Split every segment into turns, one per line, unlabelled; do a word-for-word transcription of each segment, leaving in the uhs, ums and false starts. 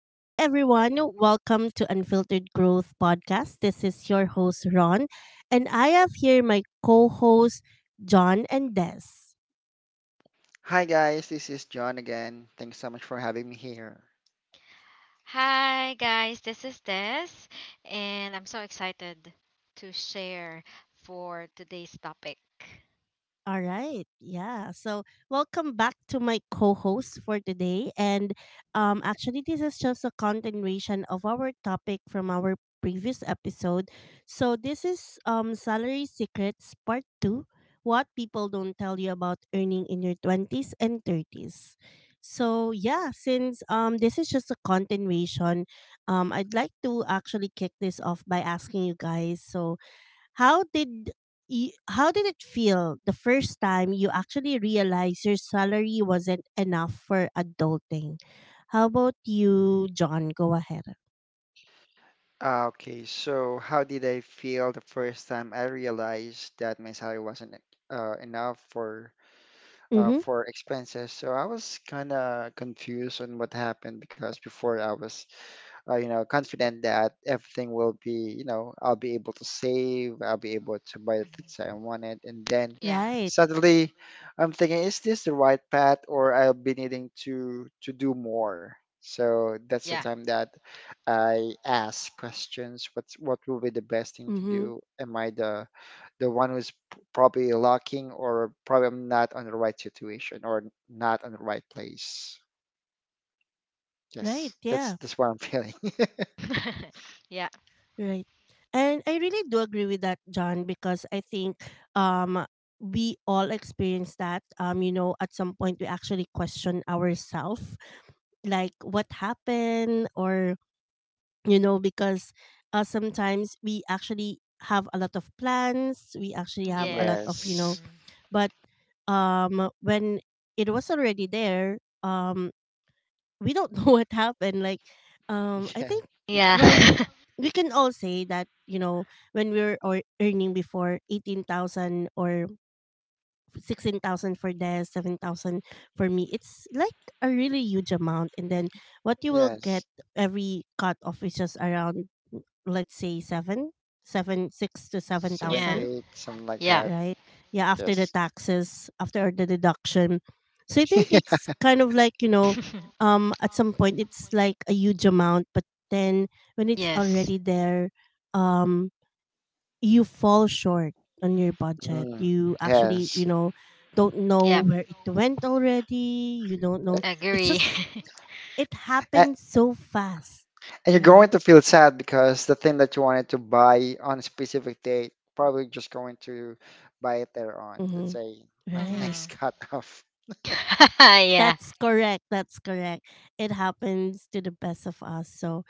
Hi, everyone. Welcome to Unfiltered Growth Podcast. This is your host, Ron, and I have here my co hosts, John and Des.
Hi guys, this is John again. Thanks so much for having me here.
Hi guys, this is Des, and I'm so excited to share for today's topic.
All right. Yeah. So, welcome back to my co-host for today, and um actually this is just a continuation of our topic from our previous episode. So, this is um salary secrets part two, what people don't tell you about earning in your twenties and thirties. So, yeah, since um this is just a continuation, um I'd like to actually kick this off by asking you guys. So, how did you, how did it feel the first time you actually realized your salary wasn't enough for adulting? How about you, John? Go ahead.
Uh, Okay, so how did I feel the first time I realized that my salary wasn't uh, enough for uh,
Mm-hmm.
for expenses? So I was kind of confused on what happened because before I was uh, you know, confident that everything will be, you know, I'll be able to save, I'll be able to buy the things that
Mhm.
I wanted. And then
Yeah,
Right.
suddenly I'm thinking, is this the right path or I'll be needing to to do more? So that's the
yeah.
time that I ask questions. What's what will be the best thing to
Mm-hmm.
do? Am I the the one who's p- probably lacking, or probably I'm not on the right situation or not on the right place? Yes,
Right.
that's
Yeah.
that's what I'm feeling.
Yeah,
Right. And I really do agree with that, John, because I think um we all experience that. Um, you know, at some point we actually question ourselves like what happened, or you know because uh, sometimes we actually have a lot of plans, we actually have a lot
yes,
of you know
Yes.
hmm,
but um when it was already there, um we don't know what happened, like um i
Yeah,
think
yeah,
well we we can all say that, you know, when we were or earning before eighteen thousand or sixteen thousand for this, seven thousand for me. It's like a really huge amount, and then what you will
yes.
get every cut off is just around, let's say, seven, seven, six to seven
Seven,
yeah,
thousand,
eight, something like
yeah,
that.
right? Yeah, after the
Yes.
taxes, after the deduction. So I think it's kind of like, you know, um, at some point it's like a huge amount, but then when it's
yes,
already there, um, you fall short on your budget.
Mm,
You actually, you
yes.
know, don't
yep,
know where it went already. You don't know. It's
agree.
just it
And,
happened so fast,
and you're
right?
going to feel sad because the thing that you wanted to buy on a specific date, probably just going to buy it there on, let's
Mm-hmm.
say, on the
Right.
next
Mhm.
cutoff.
Yeah.
That's correct. That's correct. It happens to the best of us. So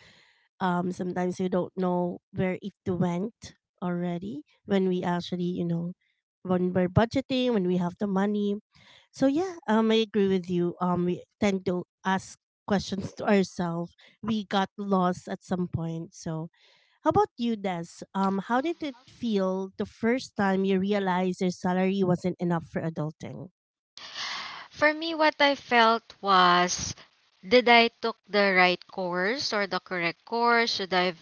um sometimes we don't know where it went already, when we actually, you know, when we're budgeting, when we have the money. So yeah, um I agree with you. um we tend to ask questions to ourselves. We got lost at some point. So how about you, Des? um how did it feel the first time you realized your salary wasn't enough for adulting?
For me, what I felt was, did I took the right course or the correct course? Should I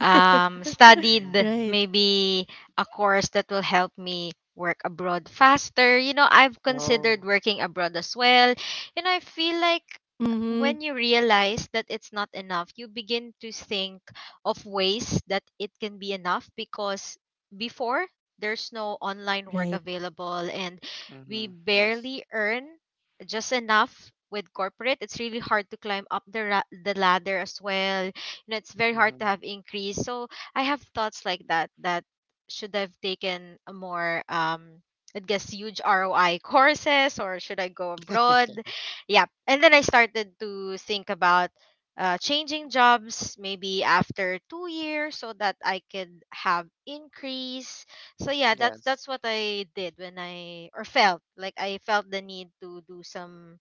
um,
Mm.
studied
Right.
maybe a course that will help me work abroad faster. You know, I've
Oh,
considered working abroad as well. You know, I feel like
Mm-hmm.
when you realize that it's not enough, you begin to think of ways that it can be enough, because before there's no online work
Right.
available, and
mm-hmm.
we
Yes.
barely earn just enough. With corporate, it's really hard to climb up the ra- the ladder as well, and it's very hard to
Mm-hmm.
have increase. So I have thoughts like that that should have taken a more um I guess huge R O I courses, or should I go abroad? Yeah. And then I started to think about uh, changing jobs maybe after two years so that I could have increase. So yeah, that's
Yes.
that's what I did when I or felt like I felt the need to do some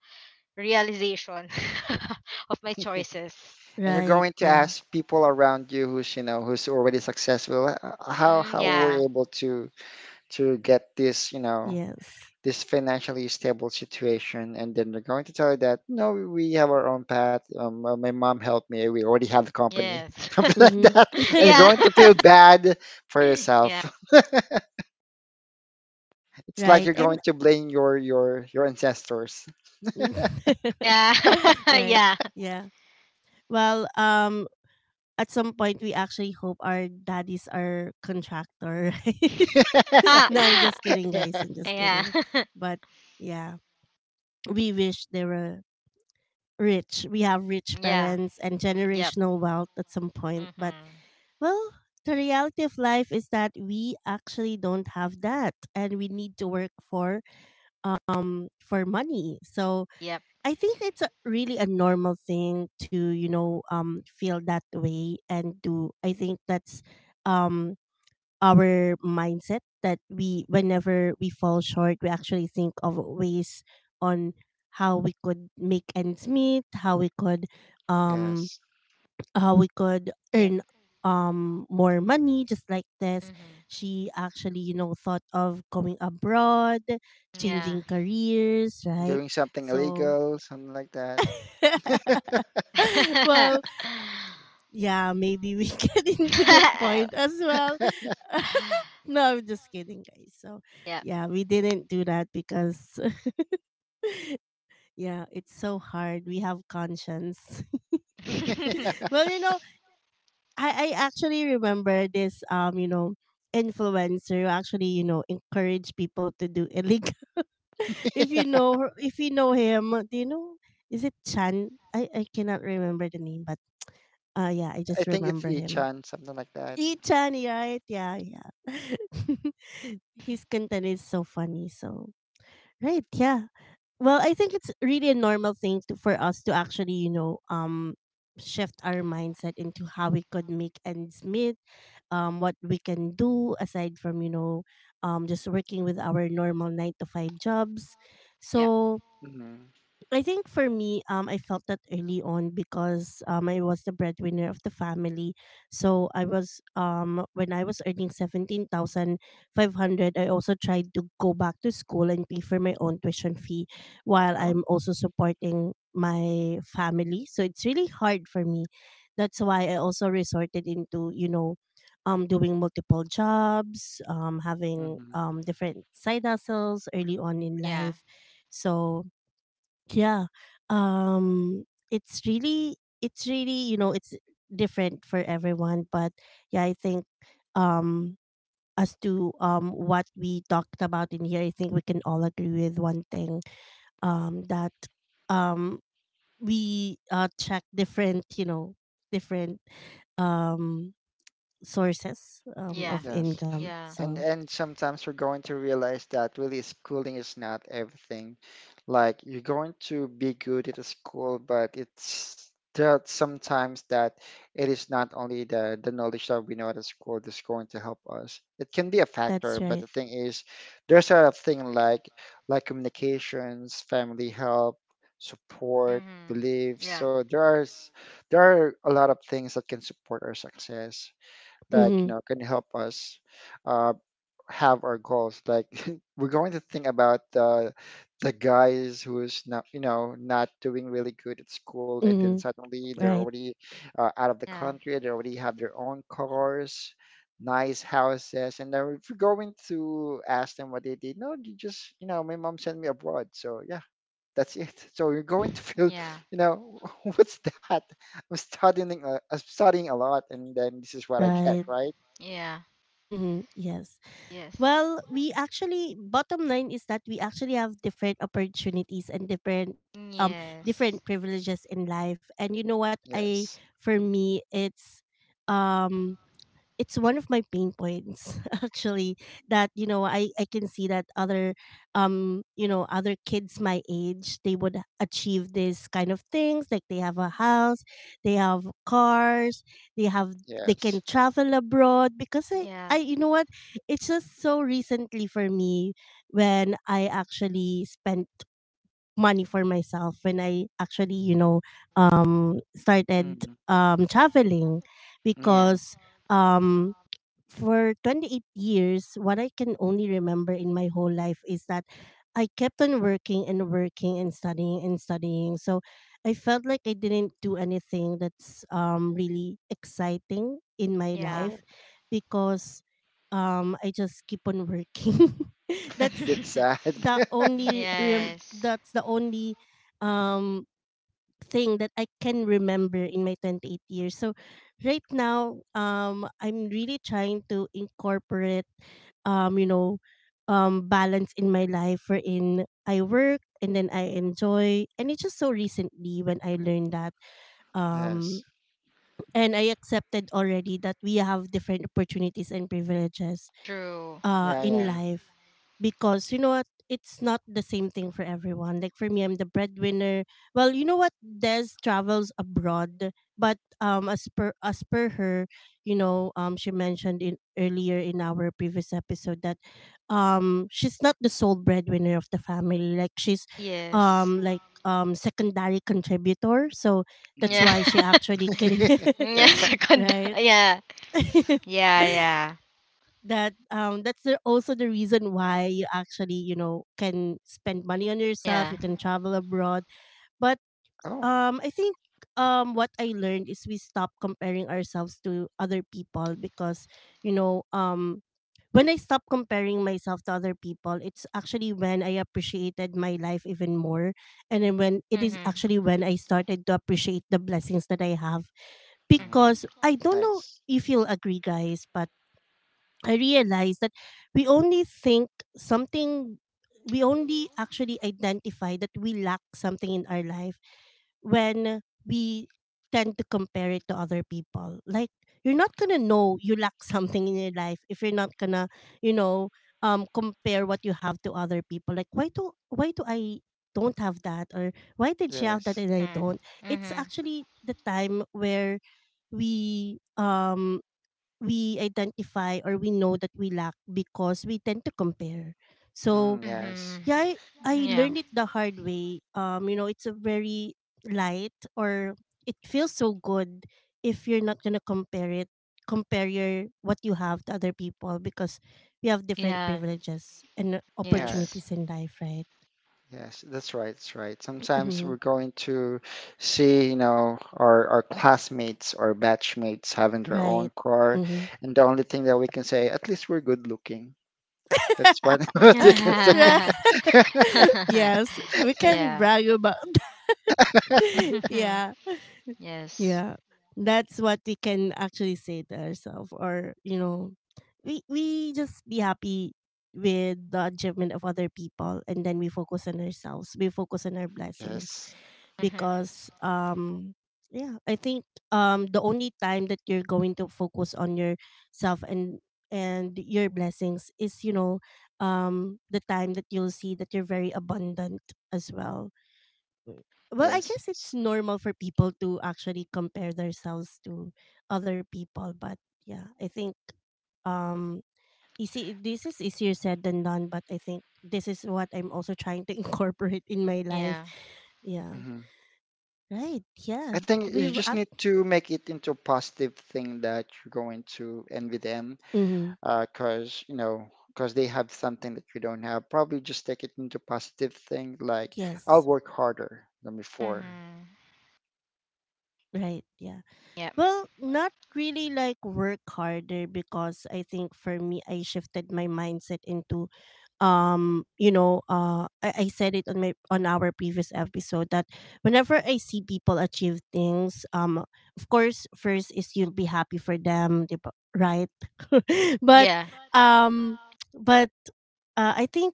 realization of my choices.
And you're
Right.
going to
Yeah.
ask people around you who's, you know, who's already successful, "Uh, how
Mm,
how were
yeah.
you able to to get this, you know,
Yes.
this financially stable situation?" And then they're going to tell you that, "No, we have our own path, um, uh, my mom helped me, we already have the company,"
Yes.
something like
Mm-hmm.
that, and you're
Yeah.
going to feel bad for yourself.
Yeah.
It's like
Right.
you're going
And
to blame your your your ancestors.
Yeah.
right.
Yeah.
Yeah. Well, um at some point we actually hope our daddies are contractor, right? No, I'm just kidding, guys. I'm just
Yeah.
kidding. But yeah, we wish they were rich. We have rich
Yeah.
parents and
Yep.
generational wealth at some point. But
Mhm.
well, the reality of life is that we actually don't have that, and we need to work for um for money. So
Yep.
I think it's a, really a normal thing to, you know, um feel that way and do. I think that's um our mindset, that we whenever we fall short, we actually think of ways on how we could make ends meet, how we could um
Yes,
how we could
Yep.
earn um more money. Just like this,
Mhm.
she actually, you know, thought of going abroad,
Yeah.
changing careers, right?
doing something
So
illegal, something like that.
well, yeah, maybe we get into that point as well. No, I'm just kidding, guys. So,
Yep.
yeah, we didn't do that because, yeah, it's so hard. We have conscience. Well, you know, I, I actually remember this, um, you know, influencer who actually, you know, encourage people to do illegal. If you know, her- if you know him, uh, do you know? Is it Chan? I, I cannot remember the name, but uh, yeah, I
I
just
think it's
remember him.
ichan, something like that.
Lee-chan, right? Yeah, yeah. His content is so funny. So, right, yeah. Well, I think it's really a normal thing to, for us to actually, you know, um, shift our mindset into how we could make ends meet, um, what we can do aside from, you know, um, just working with our normal nine to five jobs.
Yep.
So,
Hmm.
I think for me, um, I felt that early on because um, I was the breadwinner of the family. So I was um, when I was earning seventeen thousand five hundred, I also tried to go back to school and pay for my own tuition fee, while
Oh.
I'm also supporting my family. So it's really hard for me. That's why I also resorted into, you know, um, doing multiple jobs, um, having
Hmm.
um different side hustles early on in
Yeah.
life. So yeah, um it's really, it's really, you know, it's different for everyone. But yeah, I think um as to um what we talked about in here, I think we can all agree with one thing, um that um we uh check different, you know, different um sources um
Yeah.
of
Yes.
income.
Yeah.
and
So
and sometimes you're going to realize that really, schooling is not everything. Like, you're going to be good at the school, but it's that sometimes that it is not only the the knowledge that we know at the school that's going to help us. It can be a
that's
factor, but
right.
the thing is, there's a thing like like communications, family help, support,
Mhm.
beliefs.
Yeah.
So there are s- there are a lot of things that can support our success. Like you
Mhm.
know, can help us uh, have our goals, like we're going to think about the the guys who's not you know not doing really good at school, and then
Mhm.
suddenly they're
Right.
already uh, out of the
Yeah.
country, they already have their own cars, nice houses, and then if you're going to ask them what they did, no, you just you know my mom sent me abroad, so yeah, that's it. So you're going to feel
Yeah.
you know what's that, i'm studying uh, i'm studying a lot, and then this is what I get,
Right.
Mhm.
right?
Yeah.
Mhm. Yes.
Yes.
Well, we actually bottom line is that we actually have different opportunities and different um different
Yes.
privileges in life. And you know what, I
Yes.
for me it's um it's one of my pain points actually, that you know, I I can see that other um you know, other kids my age, they would achieve these kind of things, like they have a house, they have cars, they have, they
Yes.
can travel abroad, because I
Yeah.
I you know what, it's just so recently for me when I actually spent money for myself, when I actually, you know, um started
Mm.
um
Mm.
traveling.
Yeah.
Mm-hmm.
Because um for twenty-eight years, what I can only remember in my whole life is that I kept on working and working and studying and studying. So I felt like I didn't do anything that's um, really exciting in my
Yeah.
life,
Oh.
because um, I just keep on working. That's
That's sad.
the only rem-
Yes.
that's the only um thing that I can remember in my twenty-eight years. So right now, um, I'm really trying to incorporate, um, you know, um, balance in my life, wherein I work and then I enjoy. And it's just so recently when I learned that,
Yes.
um, and I accepted already that we have different opportunities and privileges
True.
uh
Yeah,
in
yeah.
Mm-hmm.
life. Because you know what, it's not the same thing for everyone. Like for me, I'm the breadwinner. Well, you know what, Des travels abroad, but um as per, as per her, you know, um she mentioned in earlier in our previous episode that um she's not the sole breadwinner of the family. Like, she's
Yes.
um like um secondary contributor. So that's
Yeah.
Mm-hmm.
why she actually can
Yeah. Second.
right
Yeah. Yeah. Yeah.
that, um that's the- also the reason why you actually, you know, can spend money on yourself,
Yeah.
you can travel abroad. But
Oh.
um I think um what I learned is we stop comparing ourselves to other people, because you know, um when I stop comparing myself to other people, it's actually when I appreciated my life even more. And then when, it is
Mhm.
actually when I started to appreciate the blessings that I have.
Mm-hmm.
Because
Mhm.
I don't know
Nice.
if you'll agree, guys, but I realized that we only think something, we only actually identify that we lack something in our life when we tend to compare it to other people. Like, you're not gonna know you lack something in your life if you're not gonna, you know, um, compare what you have to other people. Like, why do why do I don't have that, or why did she have that
Yes.
and I
Mhm.
don't? It's actually the time where we um we identify or we know that we lack, because we tend to compare. So
Mm,
Mhm.
yes.
yeah, I,
Mhm.
I
Yeah.
learned it the hard way. Um, you know, it's a very light or it feels so good if you're not gonna compare it, compare your what you have to other people, because we have different
Yeah.
privileges and
Yes.
Yes.
opportunities in life, right?
Yes, that's right. That's right. Sometimes
Hmm.
we're going to see, you know, our, our classmates or batchmates having their own
Right.
car,
Hmm.
and the only thing that we can say, at least we're good looking. That's what, what we can say.
Right.
Yeah.
Yes, we can
Yeah.
brag about that.
Mhm.
Yeah.
Yes.
Yeah, that's what we can actually say to ourselves, or you know, we we just be happy with the achievement of other people, and then we focus on ourselves. We focus on our blessings,
Yes.
Mhm.
because um yeah, I think um the only time that you're going to focus on yourself and and your blessings is, you know, um the time that you'll see that you're very abundant as well. Well, I
Yes,
guess it's
yes.
normal for people to actually compare themselves to other people. But yeah, I think um easy this is easier said than done, but I think this is what I'm also trying to incorporate in my
Yeah.
life. Yeah.
Mm-hmm.
Right.
I
Yeah
think you
we've
just
ac-
need to make it into a positive thing that you're going to envy them,
mhm,
because you know, because they have something that you don't have. Probably just take it into positive thing, like, I'll
yes.
work harder than before.
Mhm.
Right. Yeah.
Yeah.
Well, not really like work harder, because I think for me, I shifted my mindset into um you know uh I, I said it on my on our previous episode that whenever I see people achieve things, um of course first is you'll be happy for them, 'di ba? Right but
Yeah.
um but uh, I think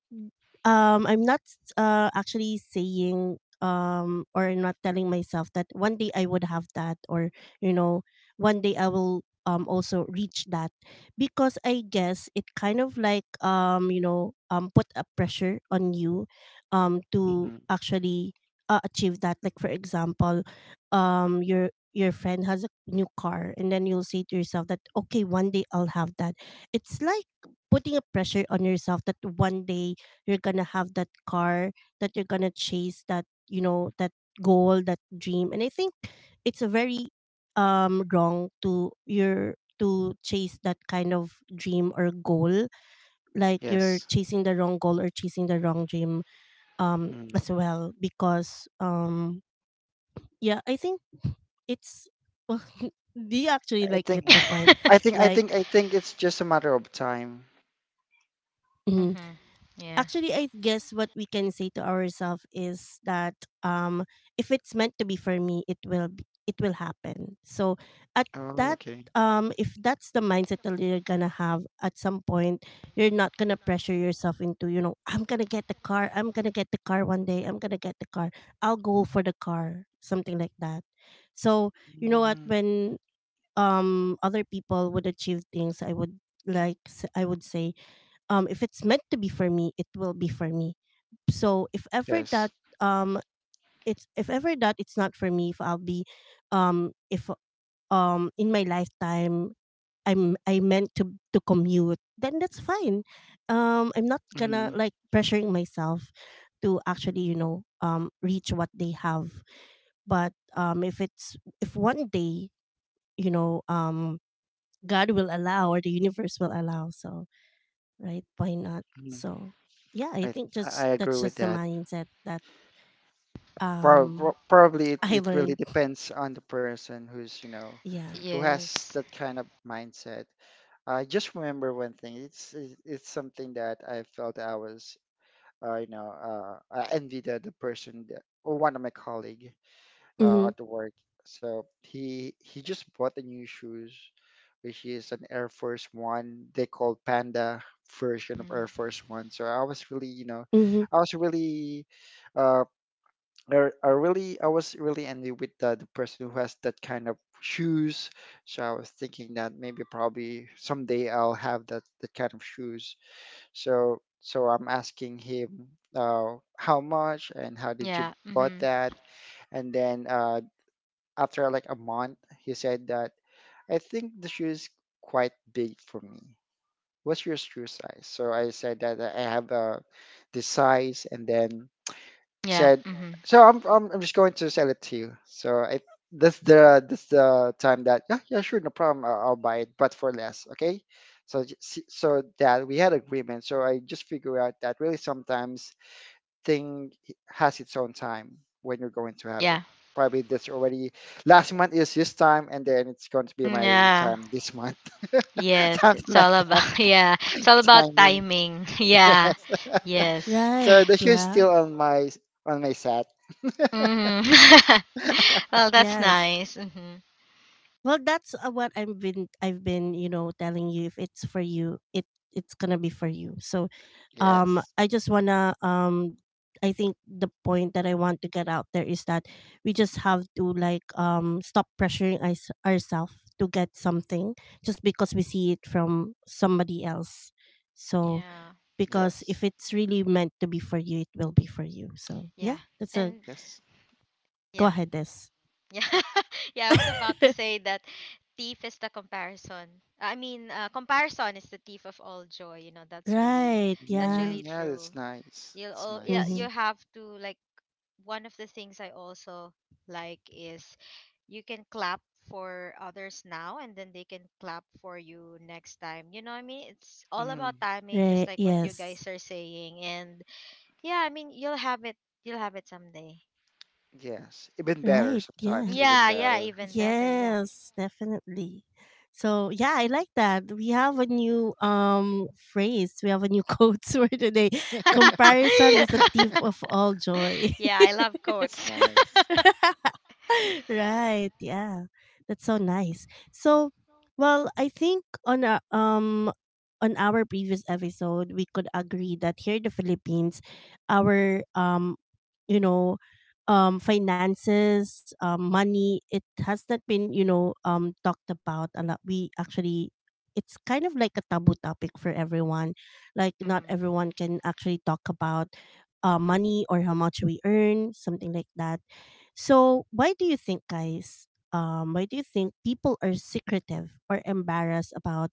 um I'm not uh actually saying um or not telling myself that one day I would have that or you know one day I will um also reach that because I guess it kind of like um you know um put a pressure on you um to
Hmm.
actually uh, achieve that. Like for example, um you're your friend has a new car and then you'll say to yourself that okay, one day I'll have that. It's like putting a pressure on yourself that one day you're gonna have that car, that you're gonna chase, that you know, that goal, that dream. And I think it's a very um wrong to your to chase that kind of dream or goal. Like you're
Yes.
chasing the wrong goal or chasing the wrong dream um as
Hmm.
well, because um yeah, I think it's well, do you actually
I
like get
think,
Mhm.
the point?
I think, I
Like
think, I think it's just a matter of time.
mhm.
Yeah.
Actually I guess what we can say to ourselves is that um if it's meant to be for me, it will be, it will happen. So at
Oh,
that
okay.
um if that's the mindset that you're gonna have at some point, you're not gonna pressure yourself into, you know, I'm gonna get the car, I'm gonna get the car one day, I'm gonna get the car, I'll go for the car, something like that. So you know what,
Mm.
when um other people would achieve things, I would like s- I would say, um if it's meant to be for me, it will be for me. So if ever that
Yes.
um it's if ever that it's not for me, if I'll be, um if um in my lifetime i'm i meant to to commute, then that's fine. um I'm not gonna
Yes,
like pressuring myself to actually you know um reach what they have. But um if it's, if one day, you know um God will allow or the universe will allow. So, right? Why not?
hmm.
So, yeah, I
I
think
I
just
agree
that's
with
just the
that.
mindset that
Prob
um
prob- probably it,
I
it really
learned.
depends on the person who's, you know,
Yeah.
who has
Yes.
that kind of mindset. I just remember one thing. It's it's it's something that I felt I was, uh, you know, uh, I envied the, the person that, or one of my colleague uh,
Mhm.
at the work. So he he just bought the new shoes, which is an Air Force One. They call Panda version of
Mhm.
Air Force One. So I was really, you know,
Mhm.
I was really uh, I, I really I was really envy with the, the person who has that kind of shoes. So I was thinking that maybe probably someday I'll have that that kind of shoes. So so I'm asking him, uh, how much and how did you
Yeah.
bought
Mhm.
that? And then uh, after like a month, he said that, I think the shoe is quite big for me. What's your shoe size? So I said that I have uh, this size, and then
Yeah.
said,
Hmm.
"So I'm I'm, I'm just going to sell it to you." So I that's the that's the time that, yeah, yeah, sure, no problem, I'll, I'll buy it but for less, okay. So j- s- so that we had agreement. So I just figure out that really sometimes thing has its own time when you're going to have
Yeah.
it. Probably that's already last month, is this time, and then it's going to be my
Yeah.
time this month.
Yes.
Something
It's
like
all about
that.
yeah, it's all about
Timing,
timing. Yeah.
yes.
Yes.
So
Right.
the shoe's
Yeah.
still on my on my set.
Hmm. Well, that's
Yes.
nice. Hmm.
Well, that's uh, what I've been, I've been, you know, telling you, if it's for you, it it's going to be for you. So, um
Yes,
I just wanna um I think the point that I want to get out there is that we just have to like um stop pressuring us- ourselves to get something just because we see it from somebody else. So
Yeah.
because
yes.
if it's really meant to be for you, it will be for you. So
Yeah.
yeah, that's a
And
Yes.
go
yeah.
ahead this
Yeah. Yeah. I was about to say that thief is the comparison. I mean, uh, comparison is the thief of all joy. You know, that's really
right,
that's
yeah.
Mm,
really
yeah,
true.
that's nice.
You'll
That's
all Yeah.
Mm-hmm.
nice.
You have to like, one of the things I also like is you can clap for others now, and then they can clap for you next time. You know what I mean, it's all about
Mm,
timing, just
Right.
like what you
Yes.
guys are saying. And yeah, I mean, you'll have it, you'll have it someday.
yes. Even better
Right. Yeah.
sometimes, even
Yeah, yeah,
better.
even better. Yeah.
Yes, definitely. So yeah, I like that. We have a new um phrase. We have a new quote for today. Comparison is the thief of all joy.
Yeah, I love
It's
quotes.
nice.
Right, yeah, that's so nice. So well, I think on our um on our previous episode, we could agree that here in the Philippines, our um you know um finances, um money, it has not been, you know, um talked about a lot. We actually, it's kind of like a taboo topic for everyone. Like not
Mhm.
everyone can actually talk about uh, money or how much we earn, something like that. So, why do you think, guys? Um, why do you think people are secretive or embarrassed about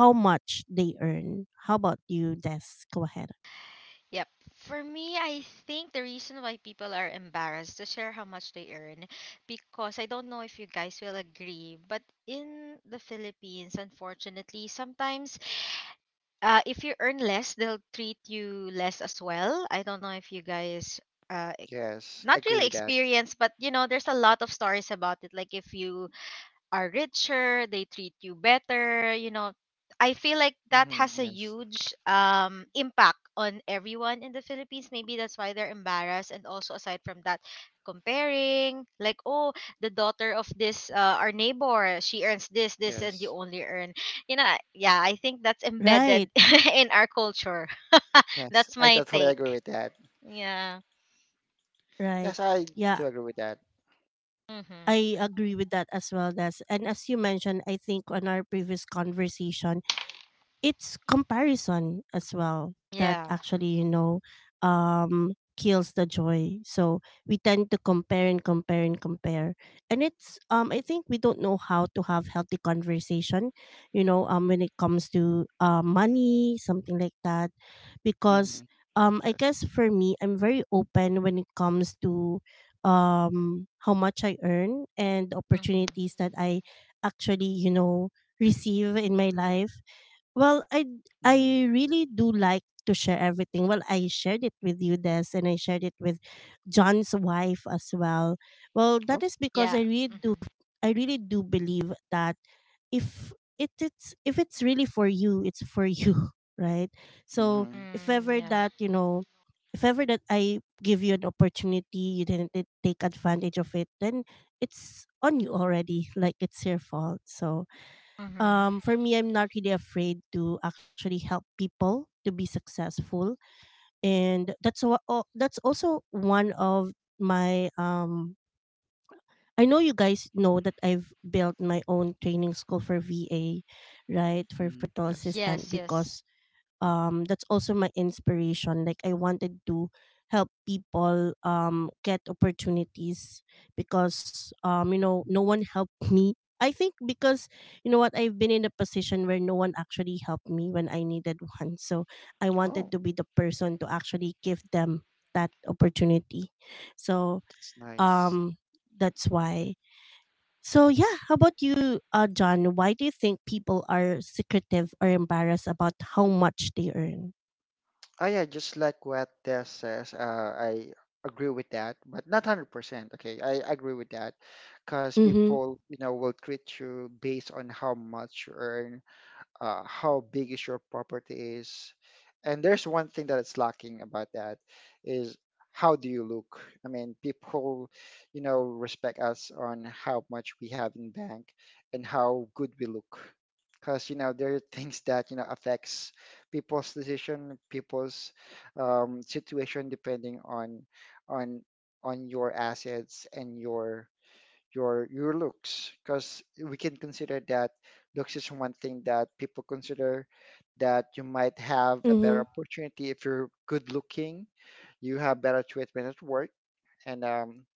how much they earn? How about you, Des? Go ahead.
Yep. For me, I think the reason why people are embarrassed to share how much they earn, because I don't know if you guys will agree, but in the Philippines, unfortunately, sometimes uh, if you earn less, they'll treat you less as well. I don't know if you guys uh, e-
Yes,
not
I agree
really
with that.
experience, but you know, there's a lot of stories about it. Like if you are richer, they treat you better, you know. I feel like that
Mm,
has a
yes,
huge um impact on everyone in the Philippines. Maybe that's why they're embarrassed, and also aside from that, comparing like, oh, the daughter of this uh, our neighbor, she earns this this and you
yes,
only earn, you know yeah, I think that's embedded
Right,
in our culture.
yes.
That's
I
my
totally agree
take.
with that.
Yeah.
right.
Yes, I
Yeah,
do agree with that.
Mhm.
I agree with that as well, Des. And as you mentioned, I think on our previous conversation, it's comparison as well that
Yeah.
actually, you know, um kills the joy. So we tend to compare and compare and compare. And it's, um I think we don't know how to have healthy conversation, you know, um when it comes to uh, money, something like that. Because
Mm-hmm.
um I
Yes.
guess for me, I'm very open when it comes to um how much I earn and the
Mhm.
opportunities that I actually, you know, receive in my life. Well, I
Mm-hmm.
I really do like to share everything. Well, I shared it with you, Des, and I shared it with John's wife as well. Well, that
Oh.
is because
Yeah.
I really do,
Mhm.
I really do believe that if it, it's if it's really for you, it's for you, right? So
Mm-hmm.
if
Mm,
ever
yeah.
that, you know, if ever that I give you an opportunity, you didn't t- take advantage of it, then it's on you already. Like it's your fault. So
Mhm.
um, for me, I'm not really afraid to actually help people to be successful, and that's a, oh, that's also one of my um. I know you guys know that I've built my own training school for V A, right, for
Mm,
virtual
yes.
assistant.
Yes, yes.
Because um that's also my inspiration. Like I wanted to help people um get opportunities because um you know, no one helped me, I think. Because you know what, I've been in a position where no one actually helped me when I needed one. So I wanted
Oh,
to be the person to actually give them that opportunity. So
that's nice.
um that's why so yeah, how about you, uh, John? Why do you think people are secretive or embarrassed about how much they earn?
Oh yeah, just like what Des says, uh, I agree with that, but not hundred percent. Okay, I agree with that, because
Mhm.
people, you know, will treat you based on how much you earn, uh, how big is your property is, and there's one thing that it's lacking about that, is how do you look. I mean, people you know respect us on how much we have in bank and how good we look, because you know there are things that you know affects people's decision, people's um, situation depending on on on your assets and your your your looks, because we can consider that looks is one thing that people consider, that you might have a better
Mhm.
opportunity if you're good looking, you have better treatment at work, and um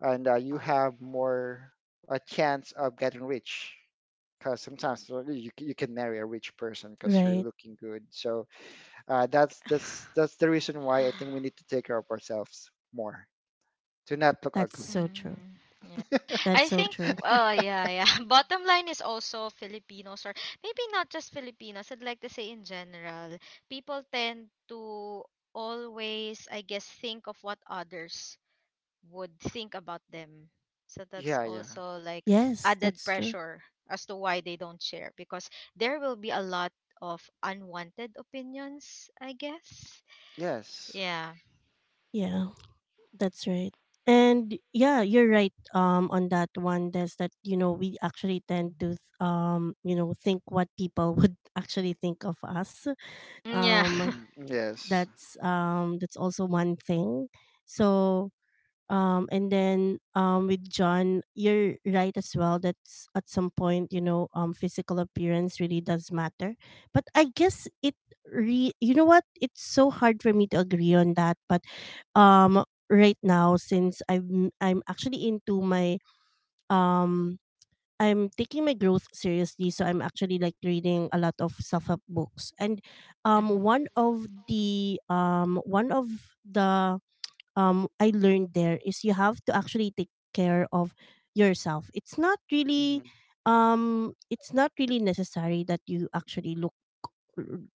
and uh,
Uh,
you have more a chance of getting rich, because sometimes uh, you, c- you can marry a rich person because you're
Right.
looking good. So uh, that's that's that's the reason why I think we need to take care of ourselves more, to not look
That's
ugly.
so true.
mm, yeah.
That's
I
so
think,
true.
uh, yeah, yeah. Bottom line is also Filipinos, or maybe not just Filipinos, I'd like to say in general, people tend to always, I guess, think of what others would think about them. So that's
Yeah, yeah,
also like
Yes,
added
that's true.
pressure as to why they don't share, because there will be a lot of unwanted opinions, I guess.
yes.
Yeah.
Yeah, that's right. And yeah, you're right um on that one. That's that, you know, we actually tend to th- um you know, think what people would actually think of us.
Mm, yeah.
Um
Mhm. Yes.
that's um that's also one thing. So um and then um with John, you're right as well, that's at some point, you know, um physical appearance really does matter. But I guess it re you know what, it's so hard for me to agree on that. But um right now since i'm i'm actually into my um I'm taking my growth seriously. So I'm actually like reading a lot of self-help books. And um
Mhm.
one of the um one of the um I learned there is you have to actually take care of yourself. It's not really
Mhm.
um it's not really necessary that you actually look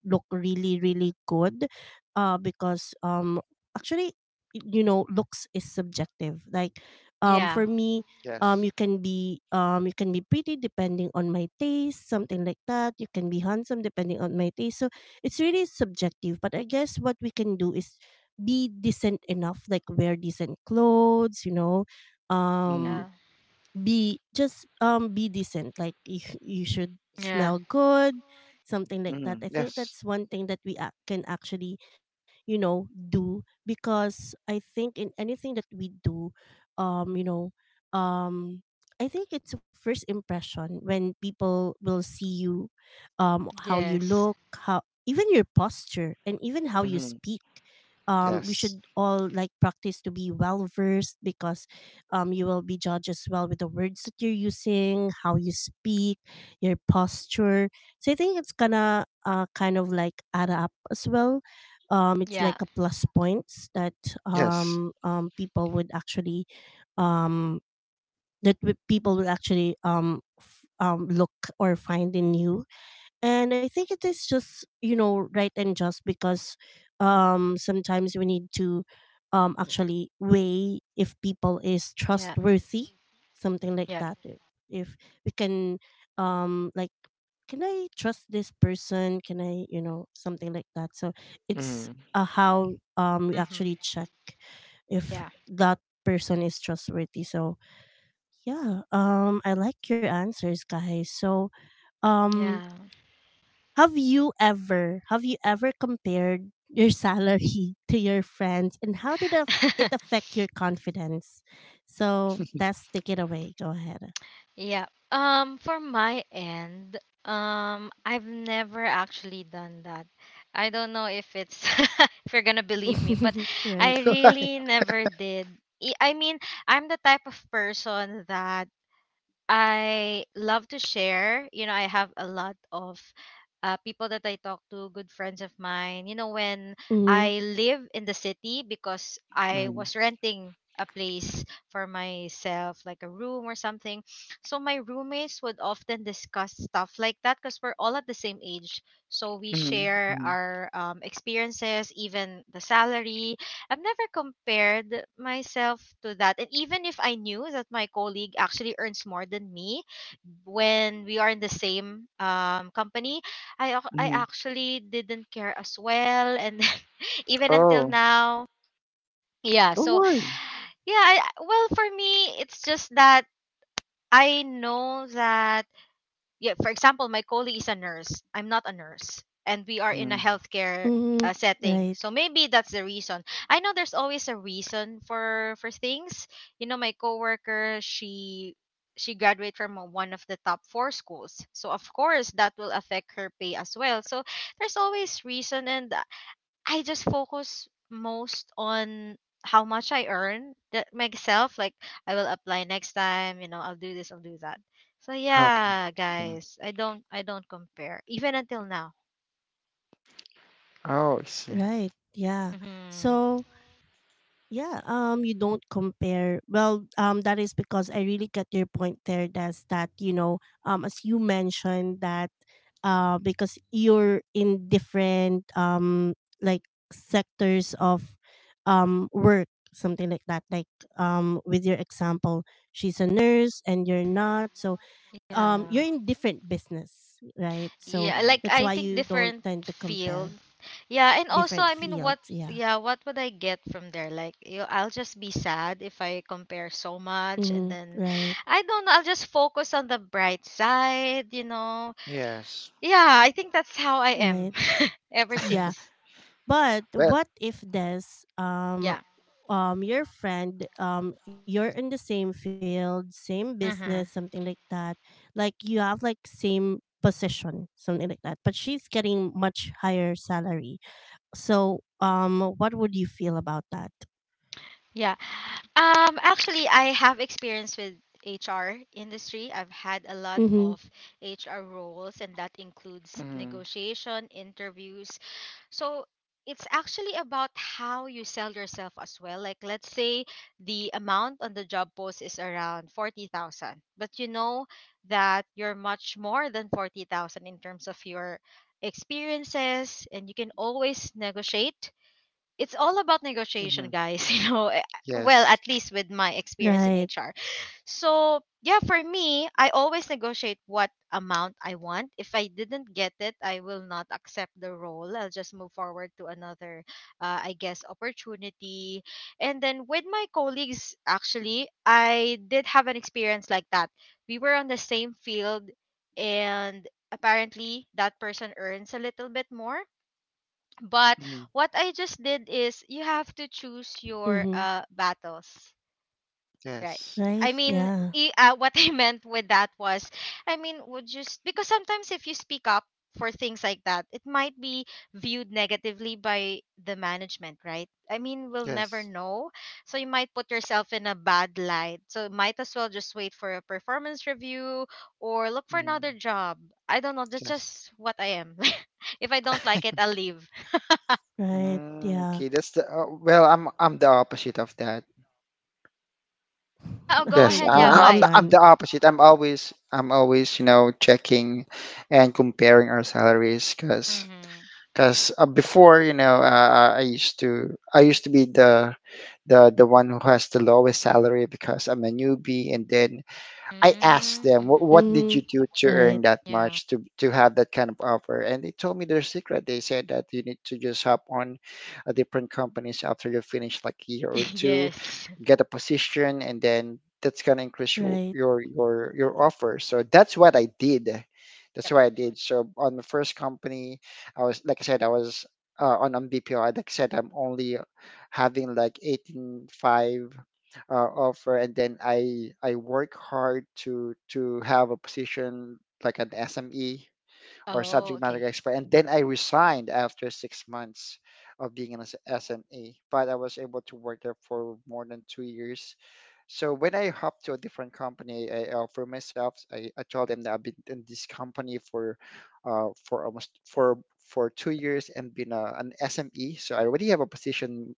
look really really good uh because um actually, you know, looks is subjective. Like um
Yeah.
for me, um
Yes.
you can be, um you can be pretty depending on my taste, something like that. You can be handsome depending on my taste. So it's really subjective. But I guess what we can do is be decent enough, like wear decent clothes, you know,
Mhm.
Yeah.
um be just, um be decent. Like you, you should
Yeah.
smell good, something like that.
Mhm.
I think
Yes.
that's one thing that we ac can actually, you know, do. Because I think in anything that we do, um you know um I think it's a first impression when people will see you, um how you
Yes.
look, how, even your posture and even how you
Mhm.
speak. um we
Yes.
should all like practice to be well versed. Because um, you will be judged as well with the words that you're using, how you speak, your posture. So I think it's gonna uh, kind of like add up as well. Um, it's
Yeah,
like a plus points that
Yes.
um, um, people would actually um, that w- people would actually um, f- um, look or find in you. And I think it is just, you know, right and just. Because um sometimes we need to um actually weigh if people is
yeah,
trustworthy, something like
yeah.
that. if, if we can um like, can I trust this person, can I, you know, something like that. So it's
Mhm.
uh, how um we
Mm-hmm.
actually check if
Yeah,
that person is trustworthy. So yeah, um I like your answers, guys. So um
yeah,
have you ever, have you ever compared your salary to your friends, and how did af- it affect your confidence? So that's, take it away. Go ahead.
yeah. Um, for my end, um, I've never actually done that. I don't know if it's if you're gonna believe me, but
Right.
I really never did. I I mean, I'm the type of person that I love to share. You know, I have a lot of uh, people that I talk to, good friends of mine. You know, when
Mm-hmm.
I live in the city because I
Mhm.
was renting a place for myself, like a room or something. So my roommates would often discuss stuff like that because we're all at the same age. So we
Mhm.
share
Mhm.
our um, experiences, even the salary. I've never compared myself to that. And even if I knew that my colleague actually earns more than me when we are in the same um, company, I, ac- I
Mhm.
actually didn't care as well. And even until
Oh,
now, yeah.
no
So,
way.
yeah, I, well, for me, it's just that I know that, yeah, for example, my colleague is a nurse. I'm not a nurse, and we are in a
Mhm.
healthcare uh,
Mm-hmm.
setting.
Right.
So maybe that's the reason. I know there's always a reason for for things. You know, my coworker, she she graduated from a- one of the top four schools. So of course that will affect her pay as well. So there's always reason, and I just focus most on how much I earn that myself. Like, I will apply next time, you know, I'll do this, I'll do that. So
Okay.
yeah,
Okay.
guys, I don't I don't compare even until now.
Oh, I see.
Right. Yeah.
Mhm.
So yeah, um, you don't compare. Well, um, that is because I really get your point there, Des, that, you know, um, as you mentioned that uh, because you're in different um, like sectors of um, work, something like that. Like um, with your example, she's a nurse and you're not. So
Yeah.
um, you're in different business, right? So
Yeah,
Mhm.
like
that's
I
why
think
you don't
different
tend to
field.
compare
Yeah, and also
different
I mean what
fields. Yeah.
yeah, what would I get from there? Like, you I'll just be sad if I compare so much, and
Mm-hmm.
then
Right.
I don't know, I'll just focus on the bright side, you know.
Yes.
Yeah, I think that's how I am
Right.
ever
Yeah.
since.
But
But.
what if this um
Yeah.
um your friend, um you're in the same field, same business,
Mm-hmm.
something like that. Like you have like same position, something like that. But she's getting much higher salary. So um what would you feel about that?
Yeah. Um, actually, I have experience with H R industry. I've had a lot
Mhm.
of H R roles, and that includes
Mhm.
negotiation, interviews. So it's actually about how you sell yourself as well. Like, let's say the amount on the job post is around forty thousand, but you know that you're much more than forty thousand in terms of your experiences, and you can always negotiate. It's all about negotiation,
Mhm.
guys. You know, eh, well, at
Yes.
least with my experience in
Right.
H R. So, yeah, for me, I always negotiate what amount I want. If I didn't get it, I will not accept the role. I'll just move forward to another, uh, I guess, opportunity. And then with my colleagues, actually, I did have an experience like that. We were on the same field, and apparently, that person earns a little bit more. But
Mhm.
what I just did is, you have to choose your
Mhm.
uh battles, right?
Yes.
I
Right.
mean,
Yeah.
i- uh, what I meant with that was, I mean, would just because sometimes if you speak up for things like that, it might be viewed negatively by the management, right? I mean, we'll never
Yes.
know. So you might put yourself in a bad light. So might as well just wait for a performance review or look for another
Mhm.
job. I don't know. That's
Yes.
just what I am. If I don't like it, I'll leave.
Right.
Mm, okay,
Yeah.
that's the uh, well, I'm I'm the opposite of that.
Yeah, oh,
Okay,
go
go
Yes,
ahead.
I,
ahead,
Yeah,
I- am
why?
John.
I'm the opposite. I'm always I'm always you know checking and comparing our salaries, because
Mm-hmm.
because uh, before, you know uh, uh, I used to I used to be the the the one who has the lowest salary because I'm a newbie, and then I asked them what
Mm-hmm.
what
Mhm.
did you do to
Right.
earn that
Yeah.
much to to have that kind of offer, and they told me their secret. They said that you need to just hop on a different companies after you finish like a year or two,
Yes.
get a position, and then that's going to increase your,
Right.
your your your offer. So that's what i did that's
Yep.
what i did so on the first company, I was, like I said, I was uh, on on BPO. Like I said, I'm only having like eighteen point five uh, offer, and then i i work hard to to have a position like an SME, or
Oh,
subject
okay.
matter expert. And then I resigned after six months of being an S- SME, but I was able to work there for more than two years, so when I hop to a different company, I, uh, for myself, I, I told them that I've been in this company for, uh, for almost for for two years and been a, an S M E. So I already have a position,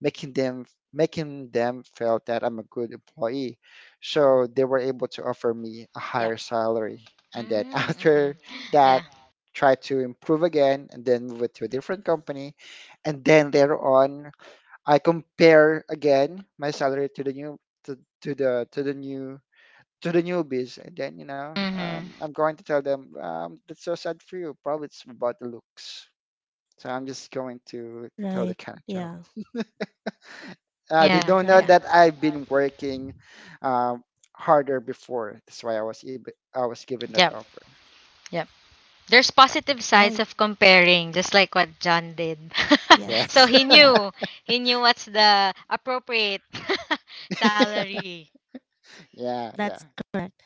making them making them feel that I'm a good employee. So they were able to offer me a
Yep.
higher salary, and then
Mm-hmm.
after that,
Yeah.
try to improve again, and then move it to a different company, and then later on I compare again my salary to the new to, to the to the new to the newbies, and then you know
Mm-hmm.
um, I'm going to tell them, um, that's so sad for you. Probably it's about the looks. So I'm just going to tell the
Right.
kind of joke.
Yeah.
Uh, they
Yeah.
don't know
Yeah.
Right.
that I've been working um, harder before. That's why I was eb- I was given that
Yep.
offer.
Yep. There's positive
That's-
sides
Right.
of comparing, just like what John did. So
Yes.
Yes.
he
Yeah.
knew. He knew what's the appropriate salary.
Yeah. Yeah.
That's correct.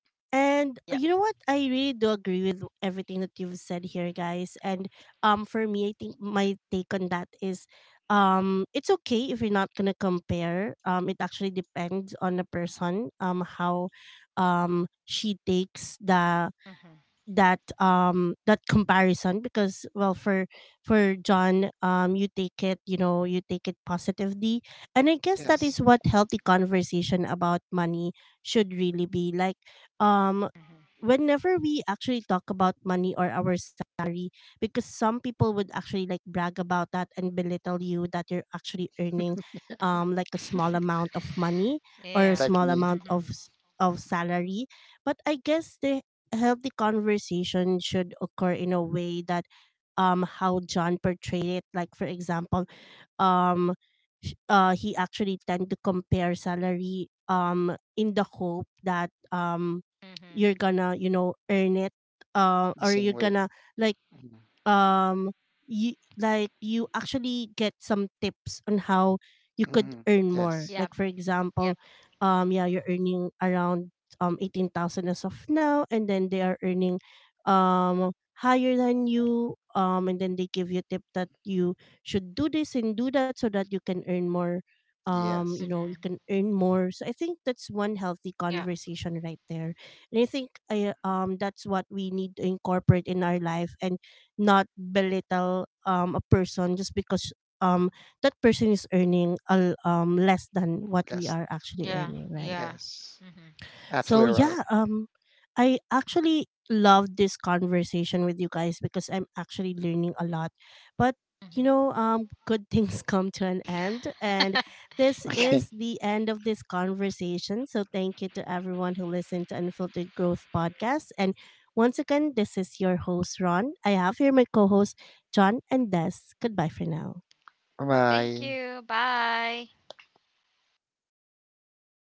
Yep.
And uh, you know what? I really do agree with everything that you've said here, guys. And um for me, I think my take on that is um it's okay if you're not going to compare. Um it actually depends on the person, um how um she takes the
Mm-hmm.
that um that comparison. Because well, for for John, um you take it, you know, you take it positively. And I guess that
Yes.
Mm-hmm.
is what healthy conversation about money should really be like, um whenever we actually talk about money or our salary. Because some people would actually like brag about that and belittle you that you're actually earning um like a
Mm-hmm.
small amount of money
Yeah.
or a
Like
small
me,
amount
Mm-hmm.
of s- of salary. But I guess there, a healthy conversation should occur in a way that um how John portrayed it. Like for example, um sh- uh he actually tend to compare salary um in the hope that um
Mm-hmm.
you're gonna, you know, earn it, uh
the
or
same
you're
way.
gonna like um you like you actually get some tips on how you could
Hmm.
earn more.
Yes.
Yep.
Like for
Yep.
example, um yeah, you're earning around um eighteen thousand as of now, and then they are earning um higher than you. um and then they give you a tip that you should do this and do that so that you can earn more, um
Yes.
you
Yes.
know,
Mm-hmm.
you can earn more. So I think that's one healthy
Yeah.
conversation right there. And I think I um that's what we need to incorporate in our life, and not belittle um a person just because um that person is earning a, l- um less than what we
That's
are actually
Yeah.
earning, right?
Yeah.
Yes,
Mhm.
So
absolutely right.
yeah, um I actually love this conversation with you guys because I'm actually learning a lot. But you
Mhm.
know, um good things come to an end, and this
Yeah.
Okay,
is the end of this conversation. So thank you to everyone who listened to Unfiltered Growth podcast. And once again, this is your host Ron. I have here my co-host John and Des. Goodbye for now.
Thank
bye.
you. Bye.